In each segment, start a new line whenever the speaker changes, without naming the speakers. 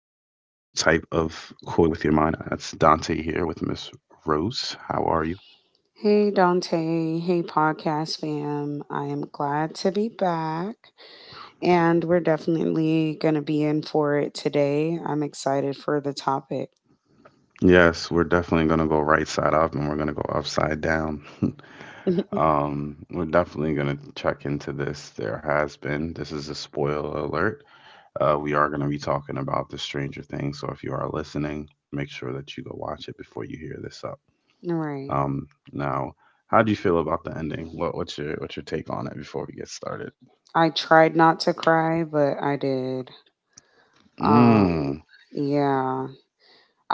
Koi with your mind. That's Dante here with Miss Rose. How are you?
Hey Dante, hey podcast fam. I am glad to be back and we're definitely going to be in for it today. I'm excited for the topic.
Yes, we're definitely going to go right side up and we're going to go upside down.
All
We're definitely going to check into this. This is a spoiler alert. We are going to be talking about the Stranger Things. So if you are listening, make sure that you go watch it before you hear this up.
right.
Um, now, how do you feel about the ending? What's your what's your take on it before we get started?
I tried not to cry, but I did. Um
Mm,
yeah,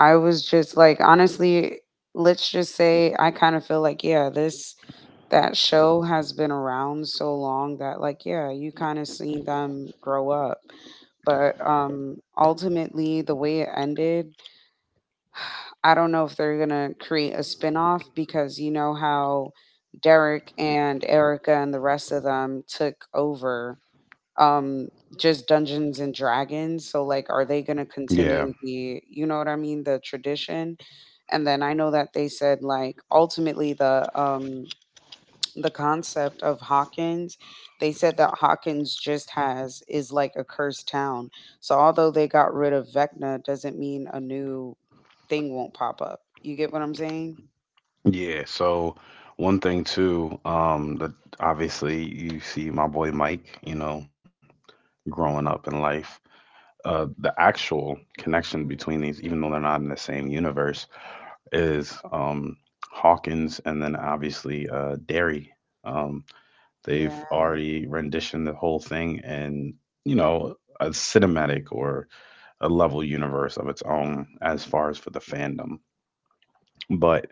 I was just like, honestly, let's just say I kind of feel like, yeah, this that show has been around so long that like, yeah, you kind of seen them grow up. But ultimately the way it ended, I don't know if they're gonna create a spin-off because you know how Derek and Erica and the rest of them took over um just Dungeons and Dragons. So like, are they going to
yeah,
continue the you know what I mean, the tradition? And then I know that they said like ultimately the concept of Hawkins, they said that Hawkins just has is like a cursed town. So although they got rid of Vecna, doesn't mean a new thing won't pop up. You get what I'm saying?
yeah. So one thing too, that obviously you see my boy Mike, you know, growing up in life, the actual connection between these, even though they're not in the same universe, is Hawkins and then obviously Derry. Um, they've
Yeah.
already renditioned the whole thing in, you know, a cinematic or a level universe of its own as far as for the fandom. But.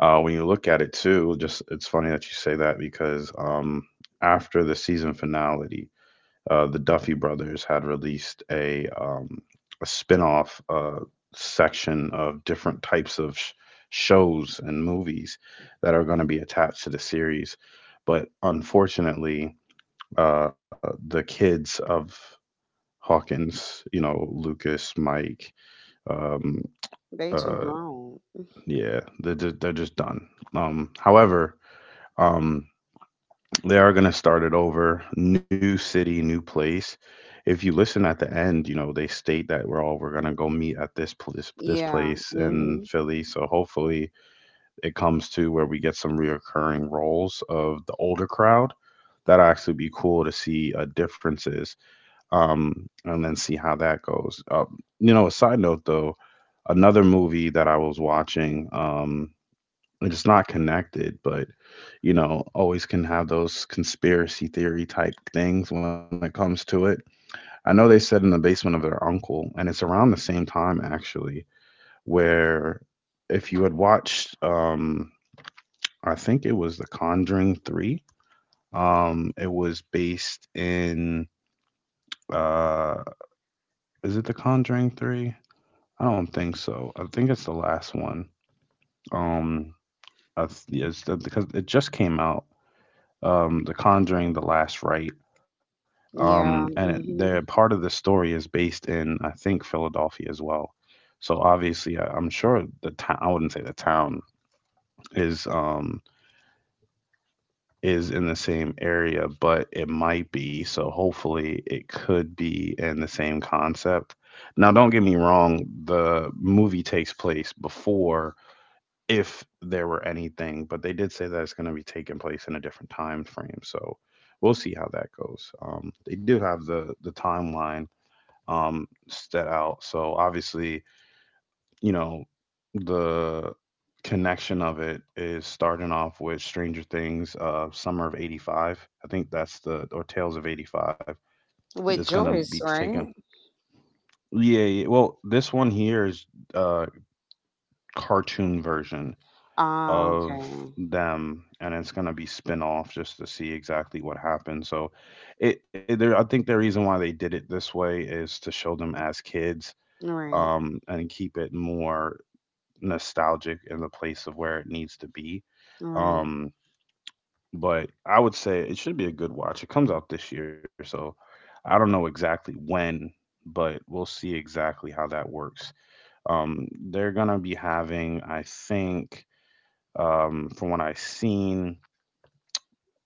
When you look at it too, just it's funny that you say that because after the season finale, the Duffy brothers had released a spin-off section of different types of shows and movies that are going to be attached to the series. But unfortunately, the kids of Hawkins, you know, Lucas, Mike, um,
They too
uh,
grown.
yeah, they're just done. However, um, they are going to start it over, new city, new place. If you listen at the end, you know, they state that we're all we're going to go meet at this place this
Yeah.
place in
Hmm.
Philly. So hopefully it comes to where we get some reoccurring roles of the older crowd. That'd actually be cool to see differences, um, and then see how that goes. You know, a side note though, another movie that I was watching. It's not connected, but you know, always can have those conspiracy theory type things when it comes to it. I know they said in the basement of their uncle, and it's around the same time actually, where if you had watched, I think it was The Conjuring Three. It was based in, uh, is it The Conjuring Three? I don't think so. I think it's the last one. Um, yeah, because it just came out, The Conjuring, The Last Rite.
Yeah.
They're part
Hmm.
of the story is based in, I think, Philadelphia as well. So obviously, I'm sure the town, I wouldn't say the town is um, is in the same area, but it might be. So hopefully, it could be in the same concept. Now, don't get me wrong, the movie takes place before if there were anything, but they did say that it's going to be taking place in a different time frame. So we'll see how that goes. They do have the timeline, set out. So obviously, you know, the connection of it is starting off with Stranger Things, Summer of '85. I think that's the or Tales of '85. That's
With
going to be
Joyce,
taken.
right?
Yeah, yeah. Well, this one here is uh cartoon version
Ah,
of
okay.
them and it's going to be spin off just to see exactly what happened. So I think the reason why they did it this way is to show them as kids,
Right.
and keep it more nostalgic in the place of where it needs to be.
Right.
um but I would say it should be a good watch. It comes out this year, so I don't know exactly when, but we'll see exactly how that works. They're going to be having, I think, from what I've seen,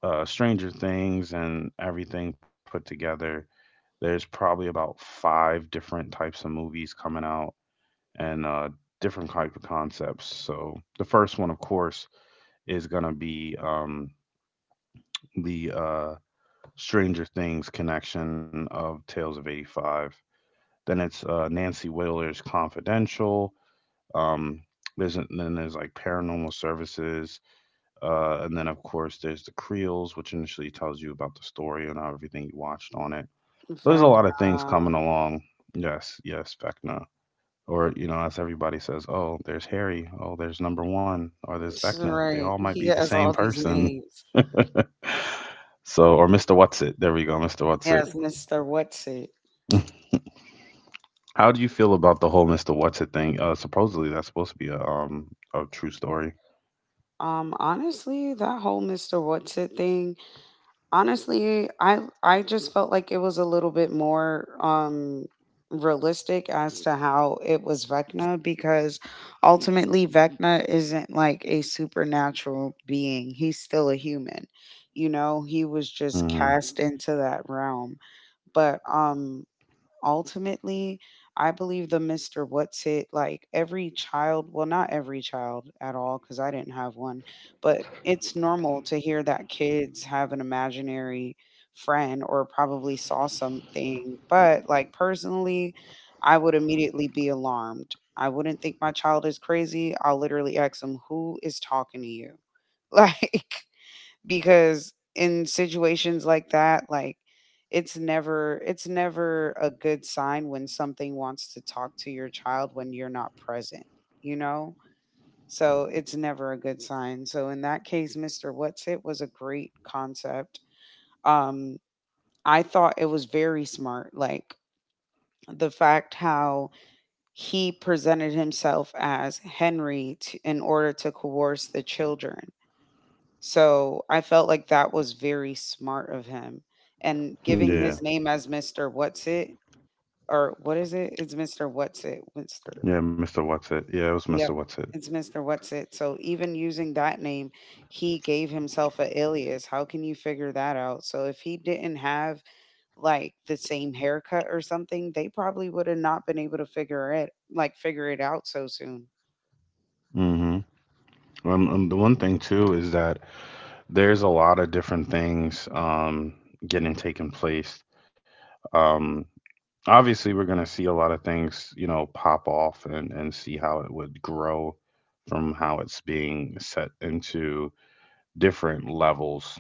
Stranger Things and everything put together, there's probably about five different types of movies coming out, and different type of concepts. So the first one, of course, is gonna be, the Stranger Things connection of Tales of '85. Then it's, Nancy Wheeler's Confidential. Um, then there's like Paranormal Services. And then, of course, there's the Creels, which initially tells you about the story and everything you watched on it.
In
So there's a
fact,
lot of things
uh,
coming along. Yes, yes, Vecna. Or, you know, as everybody says, oh, there's Harry. Oh, there's number one. Or there's Vecna. They
right.
all might
He
be the
has
same
all these
person.
names.
So, or Mr. What's It. There we go, Mr. What's It.
Yes, Mr. What's It?
How do you feel about the whole Mr. What's It thing? Supposedly that's supposed to be a true story.
Honestly, that whole Mr. What's It thing, honestly, I just felt like it was a little bit more realistic as to how it was Vecna, because ultimately Vecna isn't like a supernatural being, he's still a human. You know, he was just
Hmm
cast into that realm. But ultimately, I believe the Mr. What's It, like every child, well, not every child at all, because I didn't have one, but it's normal to hear that kids have an imaginary friend or probably saw something. But like, personally, I would immediately be alarmed. I wouldn't think my child is crazy. I'll literally ask them, who is talking to you? Like, because in situations like that, like, it's never a good sign when something wants to talk to your child when you're not present you know so it's never a good sign. So in that case, Mr. What's It was a great concept. um I thought it was very smart, like the fact how he presented himself as Henry in order to coerce the children. So I felt like that was very smart of him. And giving
Yeah,
his name as Mr. What's It, or what is it? It's Mr. What's It. Mr.
yeah, Mr. What's It. Yeah, it was Mr.
Yep.
What's It.
It's Mr. What's It. So even using that name, he gave himself a alias. How can you figure that out? So if he didn't have like the same haircut or something, they probably would have not been able to figure it out so soon.
Hmm The one thing too is that there's a lot of different things, getting taken place. Um, Obviously, we're going to see a lot of things, you know, pop off and see how it would grow from how it's being set into different levels.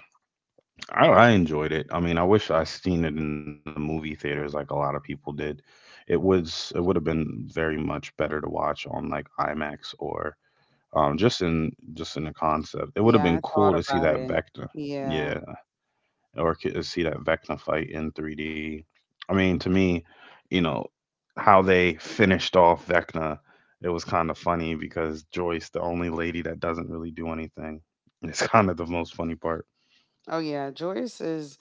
I enjoyed it. I mean, I wish I seen it in the movie theaters like a lot of people did. It would have been very much better to watch on like IMAX or, just in the concept. It would have
Yeah, I
been
thought
cool to see
about
that
it.
vector.
Yeah.
Yeah, or see that Vecna fight in 3D. I mean, to me, you know, how they finished off Vecna, it was kind of funny because Joyce, the only lady that doesn't really do anything, it's kind of the most funny part.
Oh yeah, Joyce is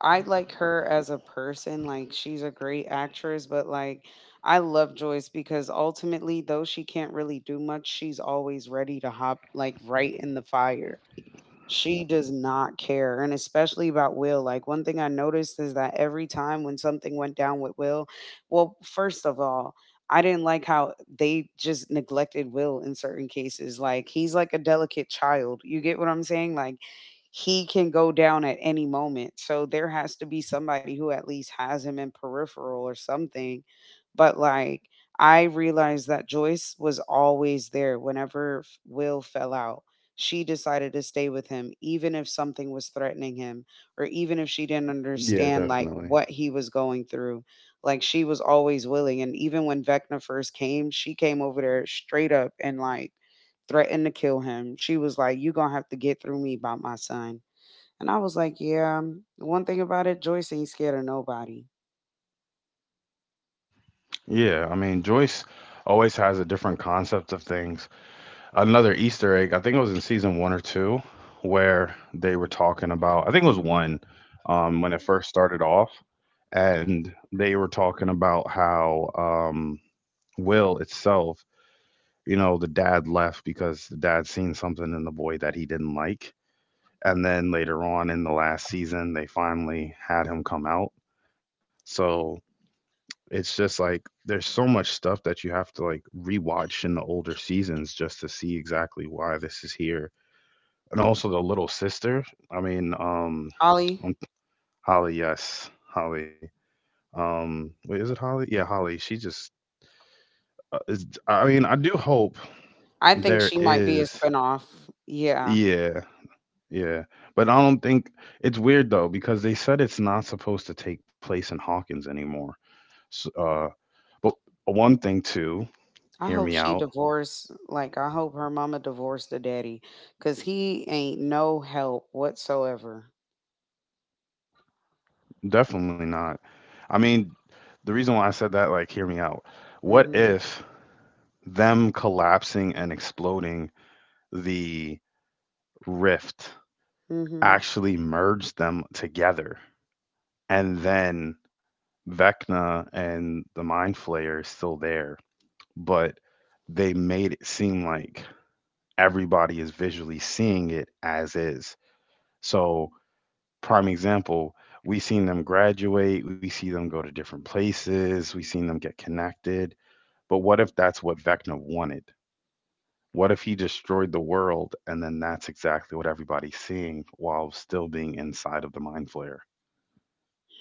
I like her as a person. Like, she's a great actress, but like, I love Joyce because, ultimately, though she can't really do much, she's always ready to hop like right in the fire. She does not care, and especially about Will. Like, one thing I noticed is that every time when something went down with Will, well, first of all, I didn't like how they just neglected Will in certain cases. Like, he's like a delicate child. You get what I'm saying? Like, he can go down at any moment. So there has to be somebody who at least has him in peripheral or something. But like, I realized that Joyce was always there whenever Will fell out. She decided to stay with him even if something was threatening him, or even if she didn't
Yeah,
understand like
definitely.
what he was going through. Like, she was always willing, and even when Vecna first came, she came over there straight up and like threatened to kill him. She was like, "You gonna have to get through me by my son." And I was like, yeah, the one thing about it, Joyce ain't scared of nobody.
Yeah, I mean, Joyce always has a different concept of things. Another Easter egg, I think it was in season one or two, where they were talking about, I think it was one, when it first started off, and they were talking about how, Will itself, you know, the dad left because the dad seen something in the boy that he didn't like. And then later on in the last season, they finally had him come out. So it's just like there's so much stuff that you have to like rewatch in the older seasons just to see exactly why this is here. And also the little sister. I mean,
Holly,
um, Holly, yes, Holly. Wait, is it Holly? Yeah, Holly. She just is. I mean, I do hope
I think
there
she might be a
is.
spinoff. Yeah.
Yeah, yeah. But I don't think, it's weird though because they said it's not supposed to take place in Hawkins anymore. So, uh, but one thing too,
I
hear
hope
me
she
out.
divorced. Like, I hope her mama divorced the daddy because he ain't no help whatsoever.
Definitely not. I mean, the reason why I said that, like, hear me out. What
Mm
if them collapsing and exploding the rift
hmm. Mm hmm.
actually merged them together, and then Vecna and the Mind Flayer is still there? But they made it seem like everybody is visually seeing it as is. So, prime example, we seen them graduate, we see them go to different places, we seen them get connected. But what if that's what Vecna wanted? What if he destroyed the world and then that's exactly what everybody's seeing while still being inside of the mind flare?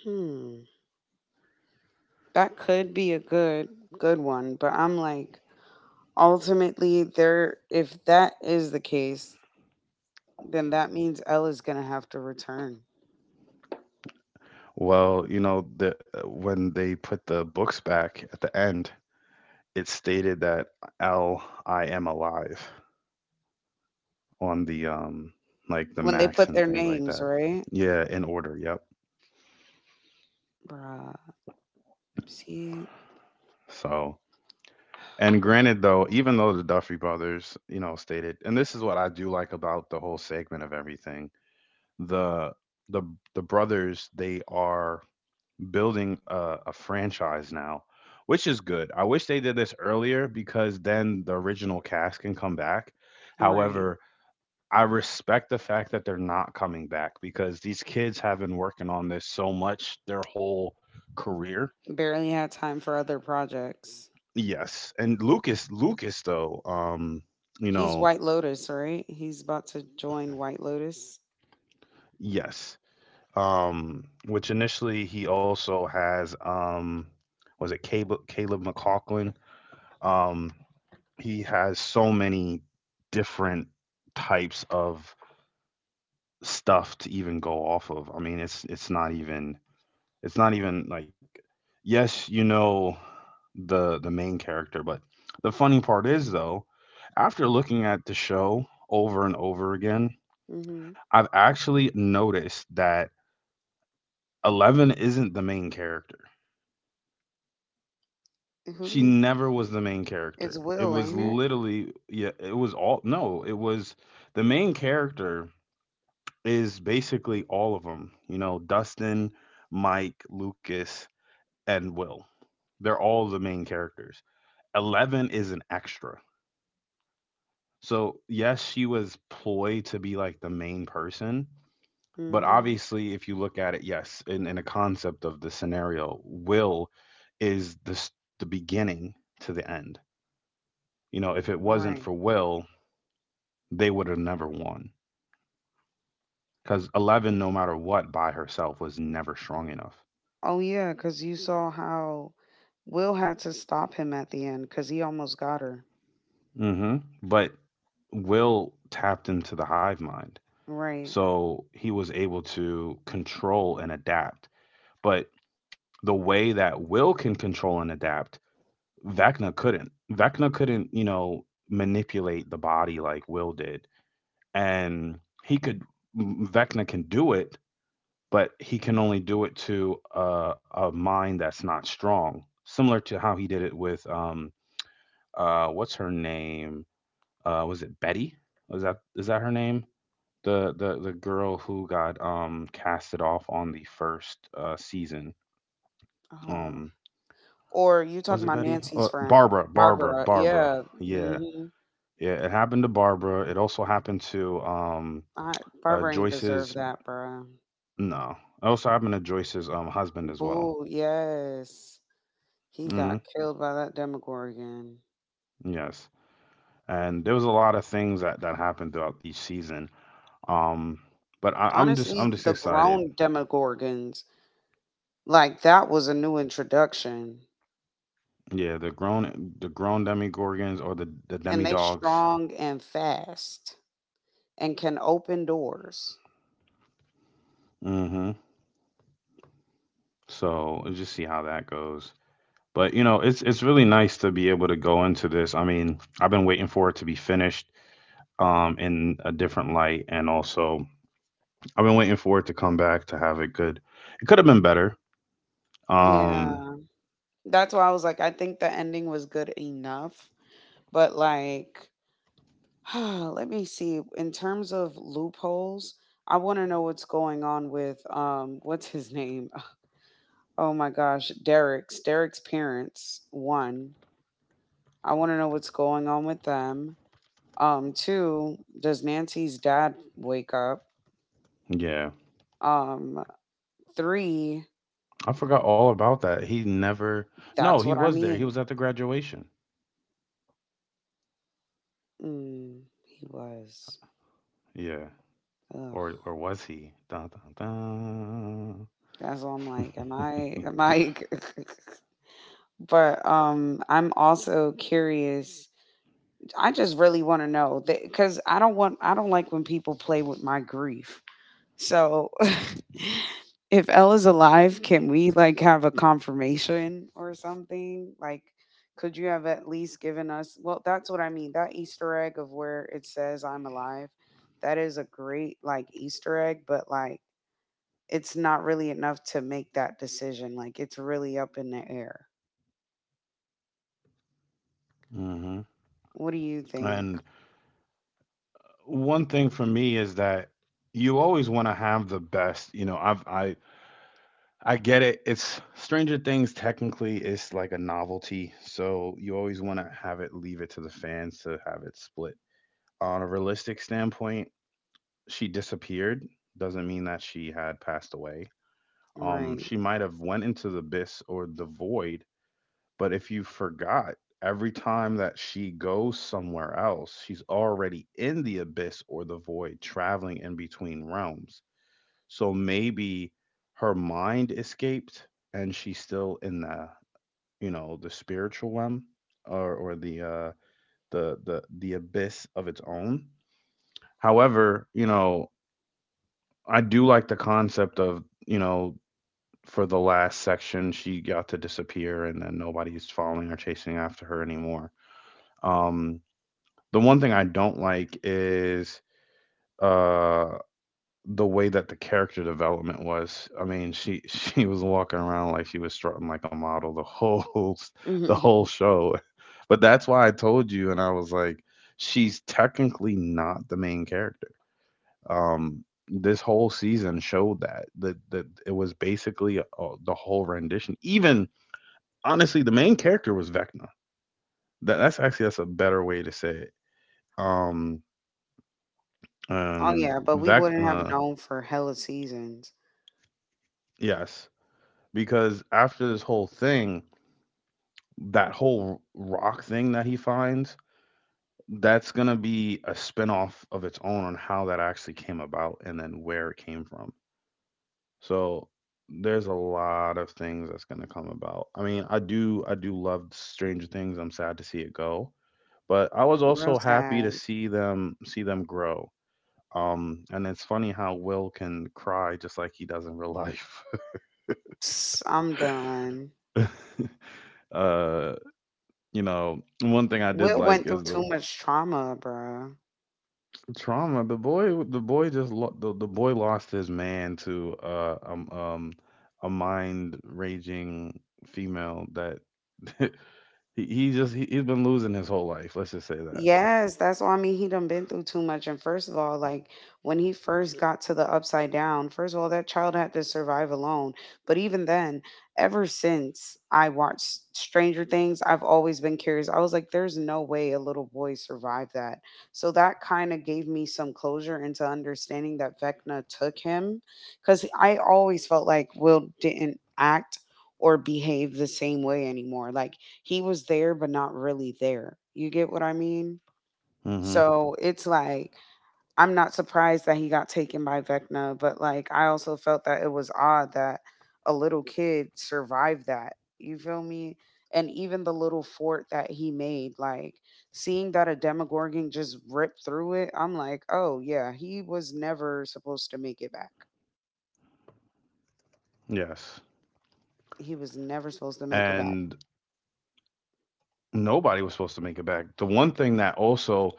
Hmm. That could be a good, good one. But I'm like, ultimately, there, if that is the case, then that means Elle is going to have to return
Well, you know, the when they put the books back at the end, it stated that L I am alive. On the like the
when they
Macs
put
and
their
things like
names,
that.
right?
Yeah, in order. Yep.
Bruh. See,
So, and granted though, even though the Duffy brothers, you know, stated, and this is what I do like about the whole segment of everything, the the the brothers they are building a franchise now, which is good. I wish they did this earlier because then the original cast can come back.
right.
However, I respect the fact that they're not coming back because these kids have been working on this so much their whole career.
Barely had time for other projects.
Yes. And Lucas though, you
He's
know,
White Lotus, right? He's about to join White Lotus.
yes. Which initially he also has, was it Caleb McLaughlin? Um, he has so many different types of stuff to even go off of. I mean, it's not even like yes, you know, the main character, but the funny part is though, after looking at the show over and over again,
Mhm.
I've actually noticed that Eleven isn't the main character.
Who do
She
you?
never was the main
It's
character. It
Will,
was
ain't it?
literally yeah, it was all no, it was the main character is basically all of them. You know, Dustin, Mike, Lucas, and Will. They're all the main characters. Eleven is an extra. So yes, she was ployed to be like the main person, but
Mhm.
obviously, if you look at it, yes, in a concept of the scenario, Will is the beginning to the end. You know, if it
All
wasn't
right.
for Will, they would have never won. Because Eleven, no matter what, by herself was never strong enough.
Oh yeah, because you saw how Will had to stop him at the end because he almost got her.
hmm But Will tapped into the hive mind,
Right.
so he was able to control and adapt. But the way that Will can control and adapt, Vecna couldn't. Vecna couldn't, you know, manipulate the body like Will did. And he could, Vecna can do it, but he can only do it to a mind that's not strong. Similar to how he did it with, what's her name? Was it Betty? Was that is that her name? The girl who got casted off on the first season.
Uh,
Um,
or you
was it
talking about
Betty?
Nancy's friend, Barbara?
Barbara.
Yeah.
Yeah,
Mhm.
yeah. It happened to Barbara. It also happened to
I Barbara ain't deserve
Joyce's.
that, bruh.
No, it also happened to Joyce's husband as well.
Boo. Yes.
hmm
He got killed by that Demogorgon.
Yes, and there was a lot of things that happened throughout each season. Um, but
Honestly,
I'm just
the
excited.
grown Demogorgons, like that was a new introduction.
Yeah, the grown demi gorgons or the
And
demi
they
dogs.
strong and fast and can open doors.
hmm So we'll just see how that goes. But you know, it's really nice to be able to go into this. I mean, I've been waiting for it to be finished in a different light, and also I've been waiting for it to come back to have it good. It could have been better. Um
Yeah. That's why I was like, I think the ending was good enough. But like, let me see. In terms of loopholes, I want to know what's going on with what's his name? Oh my gosh, Derek's parents. One, I want to know what's going on with them. Two, does Nancy's dad wake up?
yeah.
Um, three,
I forgot all about that. He never. No,
that's
he
what I
was there. He
mean.
was at the graduation.
Mm, he was.
Yeah.
Ugh,
Or was he? Dun, dun,
that's what I'm like. Am I?
dun.
Am I? But I'm also curious. I just really want to know that because I don't want. I don't like when people play with my grief. So, if Ella's alive, can we like have a confirmation or something? Like, could you have at least given us? Well, that's what I mean. That Easter egg of where it says I'm alive, that is a great like Easter egg, but like, it's not really enough to make that decision. Like, it's really up in the air.
hmm
What do you think?
And one thing for me is that you always want to have the best. You know, I get it. It's Stranger Things technically is like a novelty, so you always want to have it, leave it to the fans to have it split. On a realistic standpoint, she disappeared. Doesn't mean that she had passed away.
Right.
She might have went into the abyss or the void, but if you forgot, every time that she goes somewhere else, she's already in the abyss or the void, traveling in between realms. So maybe her mind escaped and she's still in the, you know, the spiritual realm, or the abyss of its own. However, you know, I do like the concept of, you know, for the last section she got to disappear and then nobody's following or chasing after her anymore. Um, the one thing I don't like is uh the way that the character development was. I mean, she she was walking around like she was strutting like a model the
Oh,
whole show. But that's why I told you, and I was like, she's technically not the main character. This whole season showed that it was basically, the whole rendition. Even honestly, the main character was Vecna. That's a better way to say it. Um, and
yeah, but we wouldn't have
Vecna,
known for hella seasons.
yes, because after this whole thing, that whole rock thing that he finds, that's gonna be a spinoff of its own on how that actually came about and then where it came from. So there's a lot of things that's gonna come about. I mean, I do love Stranger Things. I'm sad to see it go, but I was
Real
also happy to
sad.
see them grow. And it's funny how Will can cry just like he does in real life.
Psst, I'm done.
Uh, you know, one thing I
Will
did
went
like
through
is
too
the
much trauma, bruh.
trauma. The boy just lo- the boy lost his man to a mind raging female that he's been losing his whole life. Let's just say that.
Yes, that's why I mean, he done been through too much. And first of all, like, when he first got to the upside down, first of all, that child had to survive alone. But even then, ever since I watched Stranger Things, I've always been curious. I was like, there's no way a little boy survived that. So that kind of gave me some closure into understanding that Vecna took him. Cause I always felt like Will didn't act or behave the same way anymore. Like, he was there but not really there. You get what I mean?
Mm-hmm.
So it's like, I'm not surprised that he got taken by Vecna, but like, I also felt that it was odd that a little kid survived that. You feel me? And even the little fort that he made, like, seeing that a Demogorgon just ripped through it, I'm like, oh yeah, he was never supposed to make it back.
Yes.
He was never supposed to make it back.
And nobody was supposed to make it back. The one thing that also,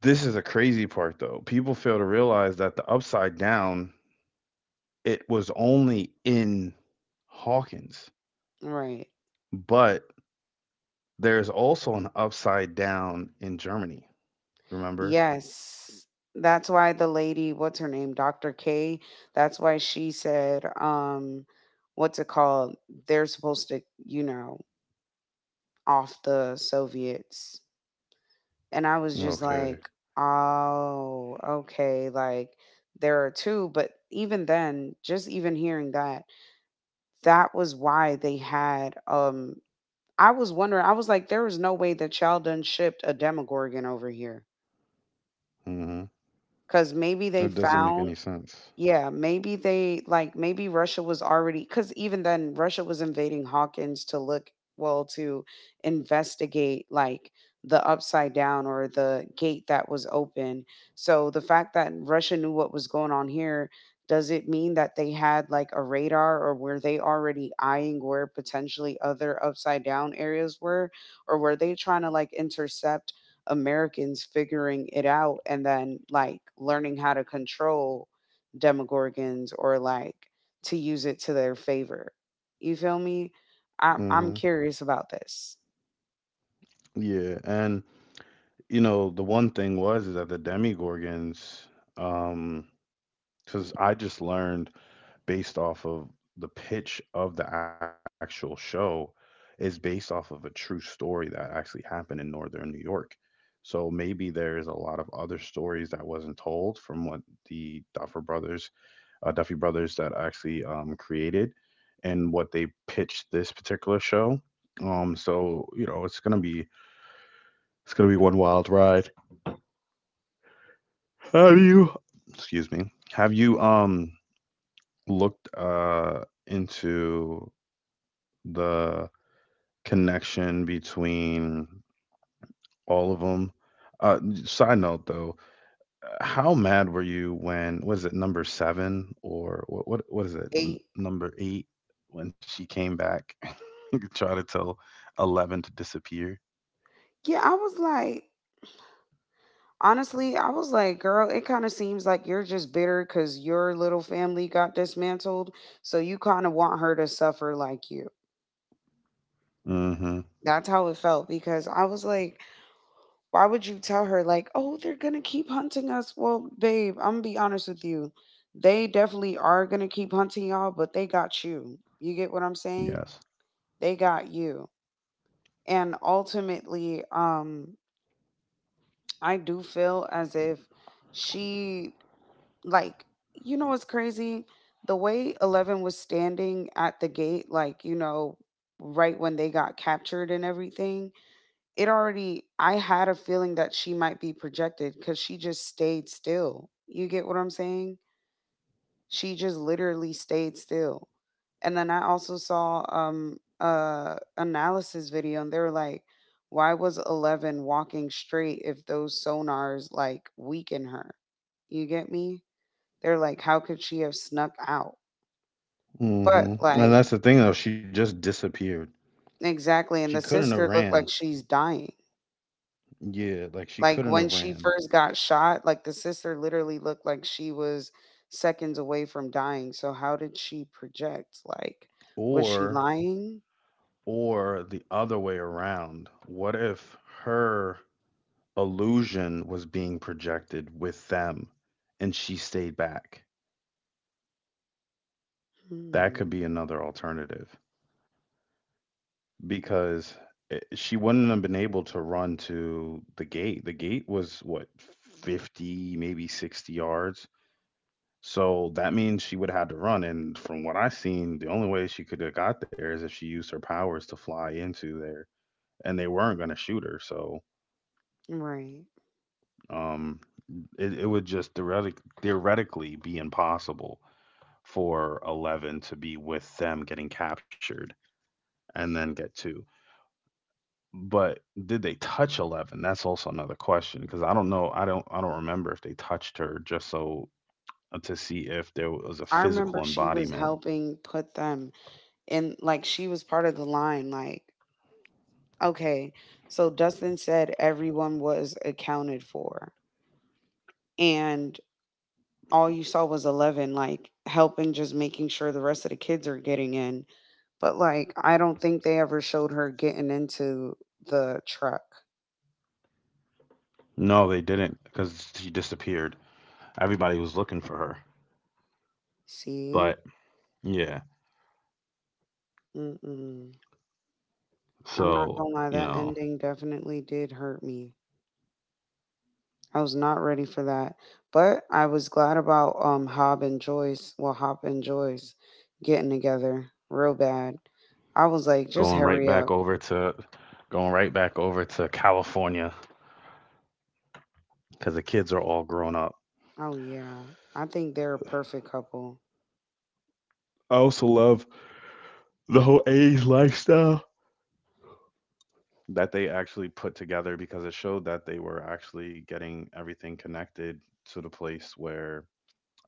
this is a crazy part though. People fail to realize that the upside down, it was only in Hawkins,
Right.
but there's also an upside down in Germany. Remember?
Yes. That's why the lady, what's her name, Dr. K, that's why she said, what's it called? They're supposed to, you know, off the Soviets. And I was just like,
Okay.
oh, okay. Like, there are two. But even then, just even hearing that, that was why they had, I was wondering. I was like, there is no way that Sheldon shipped a Demogorgon over here.
hmm
Because maybe they
It doesn't make
found.
any sense.
Yeah, maybe they like, maybe Russia was already, because even then, Russia was invading Hawkins to look, well, to investigate like the upside down or the gate that was open. So the fact that Russia knew what was going on here, does it mean that they had like a radar, or were they already eyeing where potentially other upside down areas were? Or were they trying to like intercept Americans figuring it out and then like learning how to control demogorgons, or like to use it to their favor? You feel me? I'm
hmm
curious about this.
Yeah, and you know the one thing was is that the Demigorgons, um, because I just learned, based off of the pitch of the actual show, is based off of a true story that actually happened in northern New York. So maybe there is a lot of other stories that wasn't told from what the Duffer Brothers, Duffy Brothers, that actually created and what they pitched this particular show. So you know it's gonna be one wild ride. Have you? Excuse me. Have you looked into the connection between all of them? Uh, side note though, how mad were you when, was it number seven or what is it,
Eh,
number eight, when she came back try to tell 11 to disappear?
yeah, I was like, honestly, I was like, girl, it kind of seems like you're just bitter because your little family got dismantled, so you kind of want her to suffer like you.
Mm-hmm.
That's how it felt, because I was like, why would you tell her like, oh, they're gonna keep hunting us? Well, babe, I'm gonna be honest with you, they definitely are going to keep hunting y'all, but they got you. You get what I'm saying?
Yes.
They got you, and ultimately, I do feel as if she, like, you know what's crazy, the way 11 was standing at the gate, like, right when they got captured and everything, it already, I had a feeling that she might be projected because she just stayed still, you get what I'm saying. She just literally stayed still. And then I also saw a analysis video and they were like, why was 11 walking straight if those sonars like weaken her? You get me? They're like, how could she have snuck out? But
Mm-hmm. And
like
that's the thing though, she just disappeared.
exactly,
She
and the
couldn't have
sister looked
ran.
like she's dying.
Yeah, like she
Like
couldn't
when
have
she
ran.
first got shot, like the sister literally looked like she was seconds away from dying. So how did she project? Like was she
or
lying?
or the other way around, what if her illusion was being projected with them and she stayed back? That could
Hmm.
be another alternative, because I she wouldn't have been able to run to the gate. The gate was what, 50, maybe 60 yards. So that means she would have had to run. And from what I've seen, the only way she could have got there is if she used her powers to fly into there. And they weren't going to shoot her. So
Right.
um, it would just theoretically be impossible for 11 to be with them getting captured and then get two. But did they touch 11? That's also another question, because I don't know. I don't remember if they touched her, just so to see if there was a
I
physical
remember she was
embodiment.
helping put them in, like, she was part of the line. Like, okay, so Dustin said everyone was accounted for. And all you saw was 11 like helping just making sure the rest of the kids are getting in, but like I don't think they ever showed her getting into the truck.
No, they didn't, because she disappeared. Everybody was looking for her.
See.
But yeah,
Mm-mm. I'm not
so
gonna lie,
you
that
know,
ending definitely did hurt me. I was not ready for that, but I was glad about Hob and Joyce, well Hop and Joyce getting together real bad. I was like, just
going right
hurry
back
up.
over to going right back over to California, because the kids are all grown up.
Oh yeah, I think they're a perfect couple.
I also love the whole age lifestyle that they actually put together, because it showed that they were actually getting everything connected to the place where,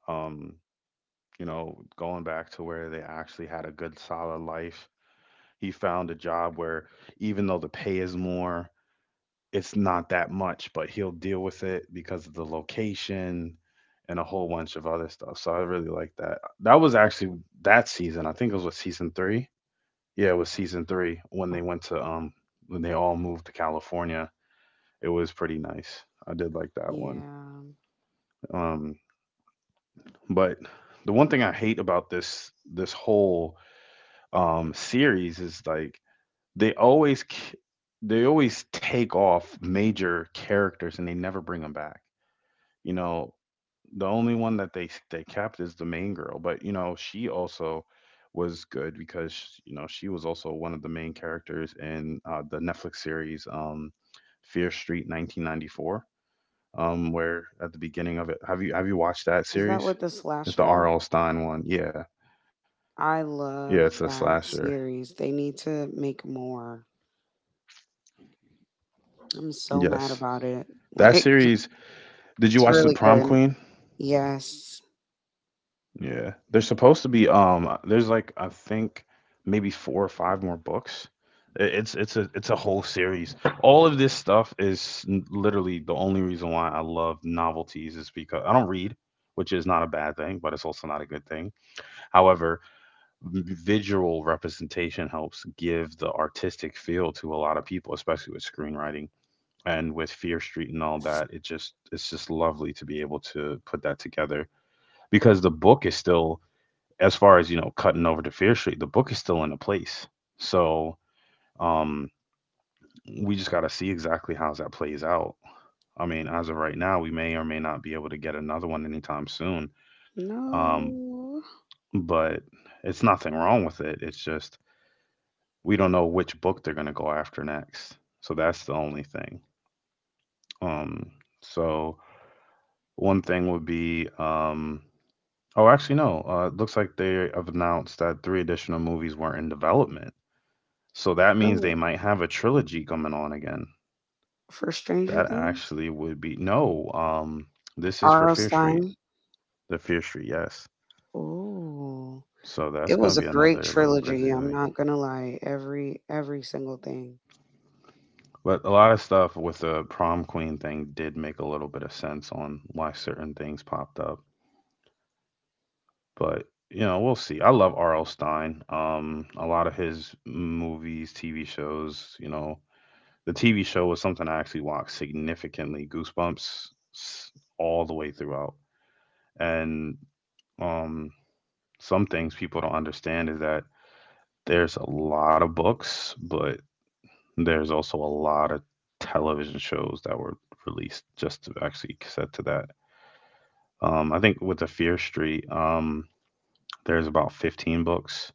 um, you know, going back to where they actually had a good solid life, he found a job where, even though the pay is more, it's not that much, but he'll deal with it because of the location and a whole bunch of other stuff. So I really like that. That was actually that season, I think it was what, season 3? Yeah, it was season 3 when they went to um, when they all moved to California. It was pretty nice. I did like that one.
Yeah.
Um, but the one thing I hate about this whole series is like, they always k- they always take off major characters and they never bring them back. You know, the only one that they kept is the main girl, but you know she also was good because, you know, she was also one of the main characters in the Netflix series, Fear Street 1994. Where at the beginning of it, have you watched that
Is that what,
series?
the
It's the
slasher?
RL Stein one. Yeah,
I
yeah, it's
love
a
that
slasher.
series. They need to make more. I'm
Yes,
so mad about
that
it.
series.
Like,
Did you watch the
it's
Prom
really
Queen?
good. Yes.
Yeah, there's supposed to be, um, there's like, I think maybe four or five more books. It's it's a whole series. All of this stuff is, literally the only reason why I love novelties is because I don't read, which is not a bad thing, but it's also not a good thing. However, visual representation helps give the artistic feel to a lot of people, especially with screenwriting. And with Fear Street and all that, it just, it's just lovely to be able to put that together, because the book is still, as far as you know, cutting over to Fear Street, the book is still in a place. So um, we just got to see exactly how that plays out. I mean, as of right now, we may or may not be able to get another one anytime soon. Um,
No.
but it's nothing wrong with it. It's just, we don't know which book they're going to go after next. So that's the only thing. Um, so one thing would be, oh, actually, no. It looks like they have announced that three additional movies weren't in development. So that
For,
means
what?
they might have a trilogy coming on again.
For Stranger
That
Things?
actually would be, no, this is for
R.L.
Fear Street,
Stein.
the Fear Street, yes.
Oh.
So
It
that's going
was a
to be
great
another little
trilogy. I'm
grisly.
not gonna lie. Every single thing.
But a lot of stuff with the Prom Queen thing did make a little bit of sense on why certain things popped up. But, you know, we'll see. I love R.L. Stein. A lot of his movies, TV shows, you know, the TV show was something I actually watched significantly, Goosebumps, all the way throughout. And um, some things people don't understand is that there's a lot of books, but there's also a lot of television shows that were released just to actually set to that. I think with the Fear Street, there's about 15 books,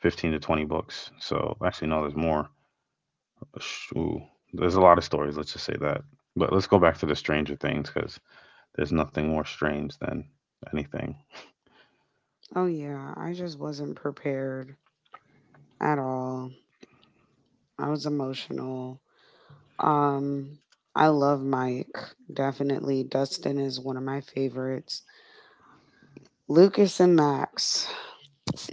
15 to 20 books. So actually, no, there's more. Ooh, there's a lot of stories. Let's just say that. But let's go back to the Stranger Things because there's nothing more strange than anything.
Oh yeah. I just wasn't prepared at all. I was emotional. Um, I love Mike. Definitely, Dustin is one of my favorites. Lucas and Max.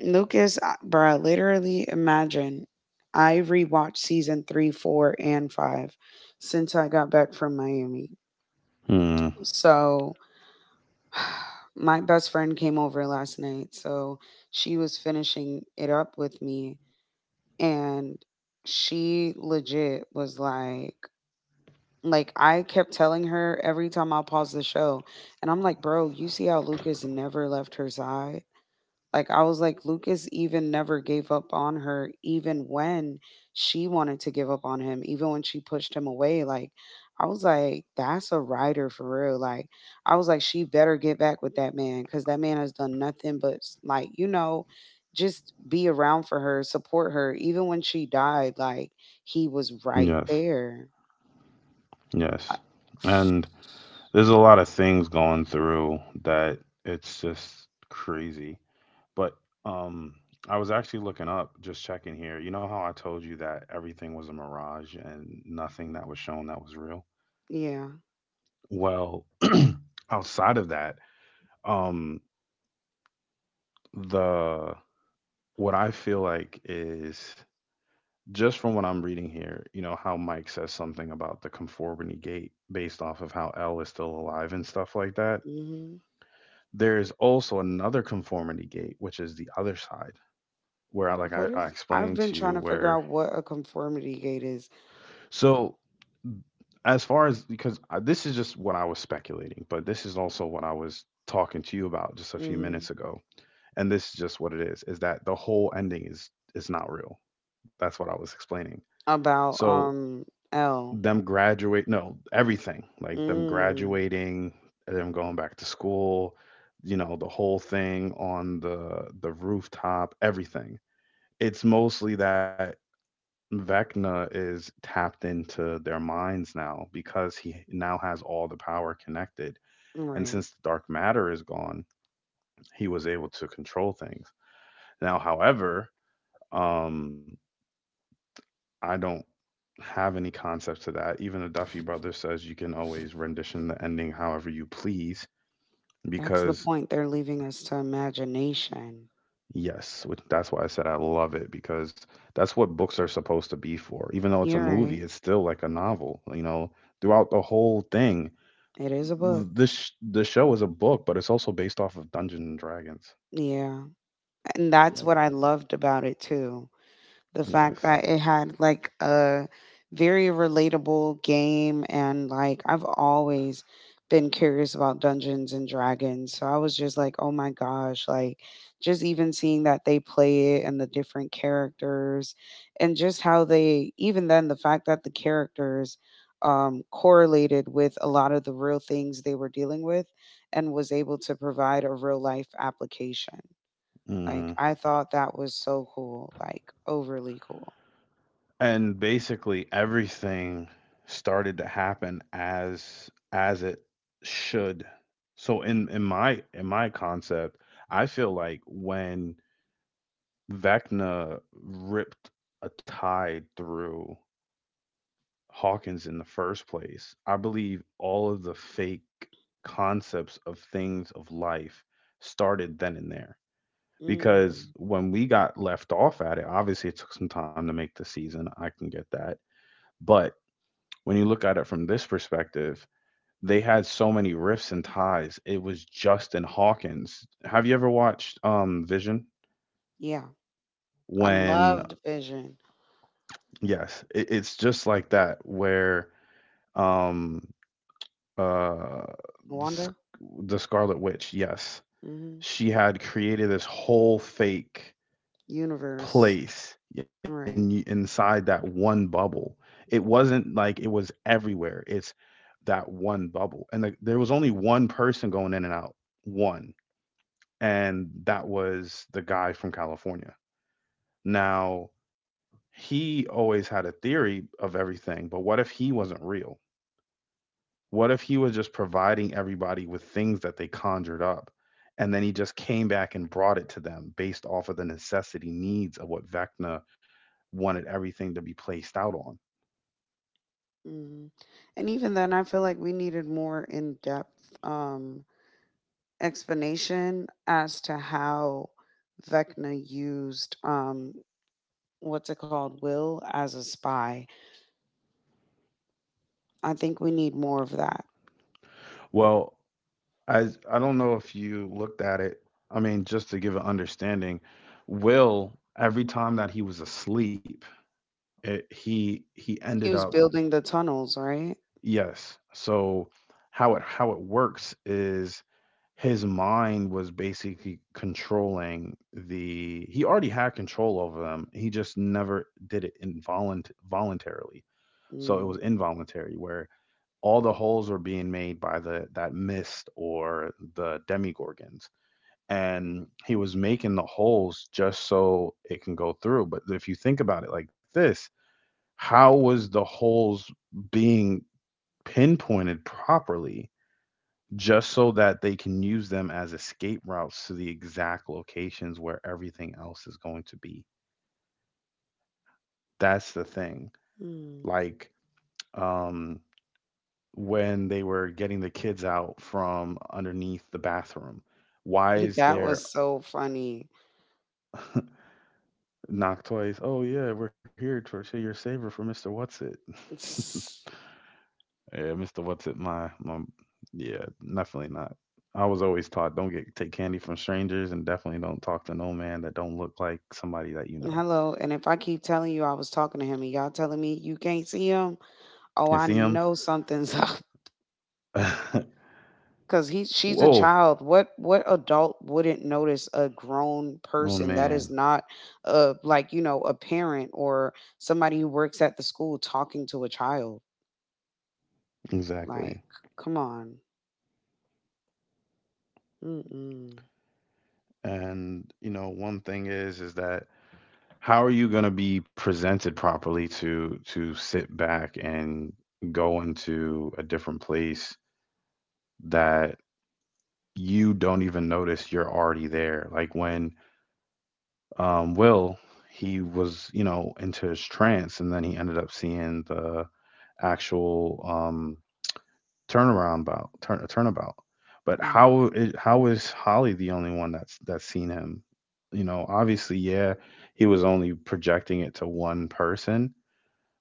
Lucas, bruh, literally imagine. I rewatched seasons 3, 4, and 5 since I got back from Miami.
Hmm.
So, my best friend came over last night. So, she was finishing it up with me, and she legit was like I kept telling her every time I paused the show, and I'm like, bro, you see how Lucas never left her side? Like I was like, Lucas even never gave up on her, even when she wanted to give up on him, even when she pushed him away. Like I was like, that's a rider for real. Like I was like, she better get back with that man because that man has done nothing but, like you know, just be around for her, support her, even when she died. Like he was right
Yes.
there.
Yes. And there's a lot of things going through that it's just crazy. But um, I was actually looking up, just checking here. You know how I told you that everything was a mirage and nothing that was shown that was real?
Yeah.
Well, outside of that, um, the what I feel like is just from what I'm reading here, you know, how Mike says something about the conformity gate based off of how L is still alive and stuff like that.
Mhm.
There is also another conformity gate, which is the other side, where I, like I,
What
I
is,
explained
I've
to
been
you,
trying to figure
where
out what a conformity gate is.
so as far as because I, this is just what I was speculating, but this is also what I was talking to you about just a few
Mhm.
minutes ago, and this is just what it is that the whole ending is not real. That's what I was explaining.
About
So
L.
them graduate, no, everything like them
Mm.
graduating, them going back to school, you know, the whole thing on the rooftop, everything. It's mostly that Vecna is tapped into their minds now because he now has all the power connected. And
Right.
since the dark matter is gone, he was able to control things. Now, however, um, I don't have any concept to that. Even the Duffy brother says you can always rendition the ending however you please
That's the
because
point. They're leaving us to imagination.
yes, which that's why I said I love it because that's what books are supposed to be for. Even though it's a
You're
movie,
right.
it's still like a novel, you know, throughout the whole thing.
It is a book.
The show is a book, but it's also based off of Dungeons and Dragons.
Yeah. And that's
Like,
what I loved about it too. The fact
yes.
that it had like a very relatable game, and like I've always been curious about Dungeons and Dragons. So I was just like, "Oh my gosh, like just even seeing that they play it and the different characters and just how they even then the fact that the characters correlated with a lot of the real things they were dealing with and was able to provide a real life application." Like,
Hmm.
I thought that was so cool, like, overly cool.
And basically everything started to happen as it should. So in my concept, I feel like when Vecna ripped a tie through Hawkins in the first place, I believe all of the fake concepts of things of life started then and there because
Mm,
when we got left off at it, obviously it took some time to make the season, I can get that, but when you look at it from this perspective, they had so many rifts and ties. It was Justin Hawkins. Have you ever watched Vision?
yeah, I
When
loved Vision.
yes, it's just like that where um uh
Wanda?
Sc- the Scarlet Witch, yes,
Mhm.
she had created this whole fake
Universe,
place in
right.
inside that one bubble. It wasn't like it was everywhere. It's that one bubble. And the, there was only one person going in and out, one. And that was the guy from California. Now, he always had a theory of everything, but what if he wasn't real? What if he was just providing everybody with things that they conjured up? And then he just came back and brought it to them based off of the necessity needs of what Vecna wanted everything to be placed out on.
Mhm. And even then, I feel like we needed more in-depth, explanation as to how Vecna used, what's it called? Will as a spy. I think we need more of that.
Well, as I don't know if you looked at it. I mean, just to give an understanding, Will every time that he was asleep, he ended
He was
up
building the tunnels, right?
yes. So how it works is his mind was basically controlling the he already had control over them, he just never did it involunt voluntarily. So it was
Mm.
involuntary where all the holes are being made by the that mist or the demigorgons and he was making the holes just so it can go through, but if you think about it like this, how was the holes being pinpointed properly just so that they can use them as escape routes to the exact locations where everything else is going to be? That's the thing.
Mm.
Like um when they were getting the kids out from underneath the bathroom. Why is
That
there
was so funny.
knock twice? Oh yeah, we're here to say your saver for Mr. What's It.
S-
Yeah, Mr. What's It, my yeah, definitely not. I was always taught don't get take candy from strangers and definitely don't talk to no man that don't look like somebody that you know.
Hello, and if I keep telling you I was talking to him and y'all telling me you can't see him,
You see
oh, I
him?
know something's up. Cause he, she's a
Whoa.
child. What adult wouldn't notice a grown
Oh
person that
man.
is not, like you know, a parent or somebody who works at the school talking to a child?
Exactly.
Like, come on. Mm-mm.
And you know, one thing is that how are you going to be presented properly to sit back and go into a different place that you don't even notice you're already there, like when Will, he was you know into his trance and then he ended up seeing the actual turnaround bout turn turnabout, but
All right,
how is Holly the only one that's seen him? You know obviously yeah he was only projecting it to one person,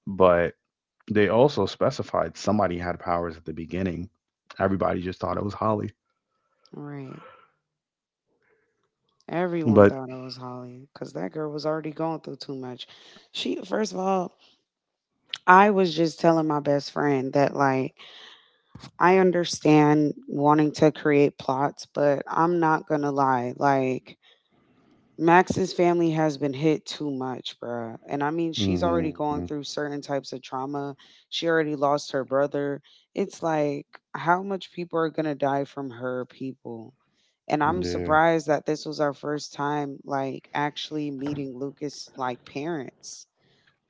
but they also specified somebody had powers at the beginning. Everybody just thought it was Holly.
all right. Everyone
But
thought I was Holly, cause that girl was already going through too much. She, first of all, I was just telling my best friend that, like, I understand wanting to create plots, but I'm not gonna lie. Like, Max's family has been hit too much, bruh. And I mean, she's
hmm
already going through certain types of trauma. She already lost her brother. It's like, how much people are gonna die from her people? And I'm
yeah.
surprised that this was our first time, like, actually meeting Lucas, like, parents.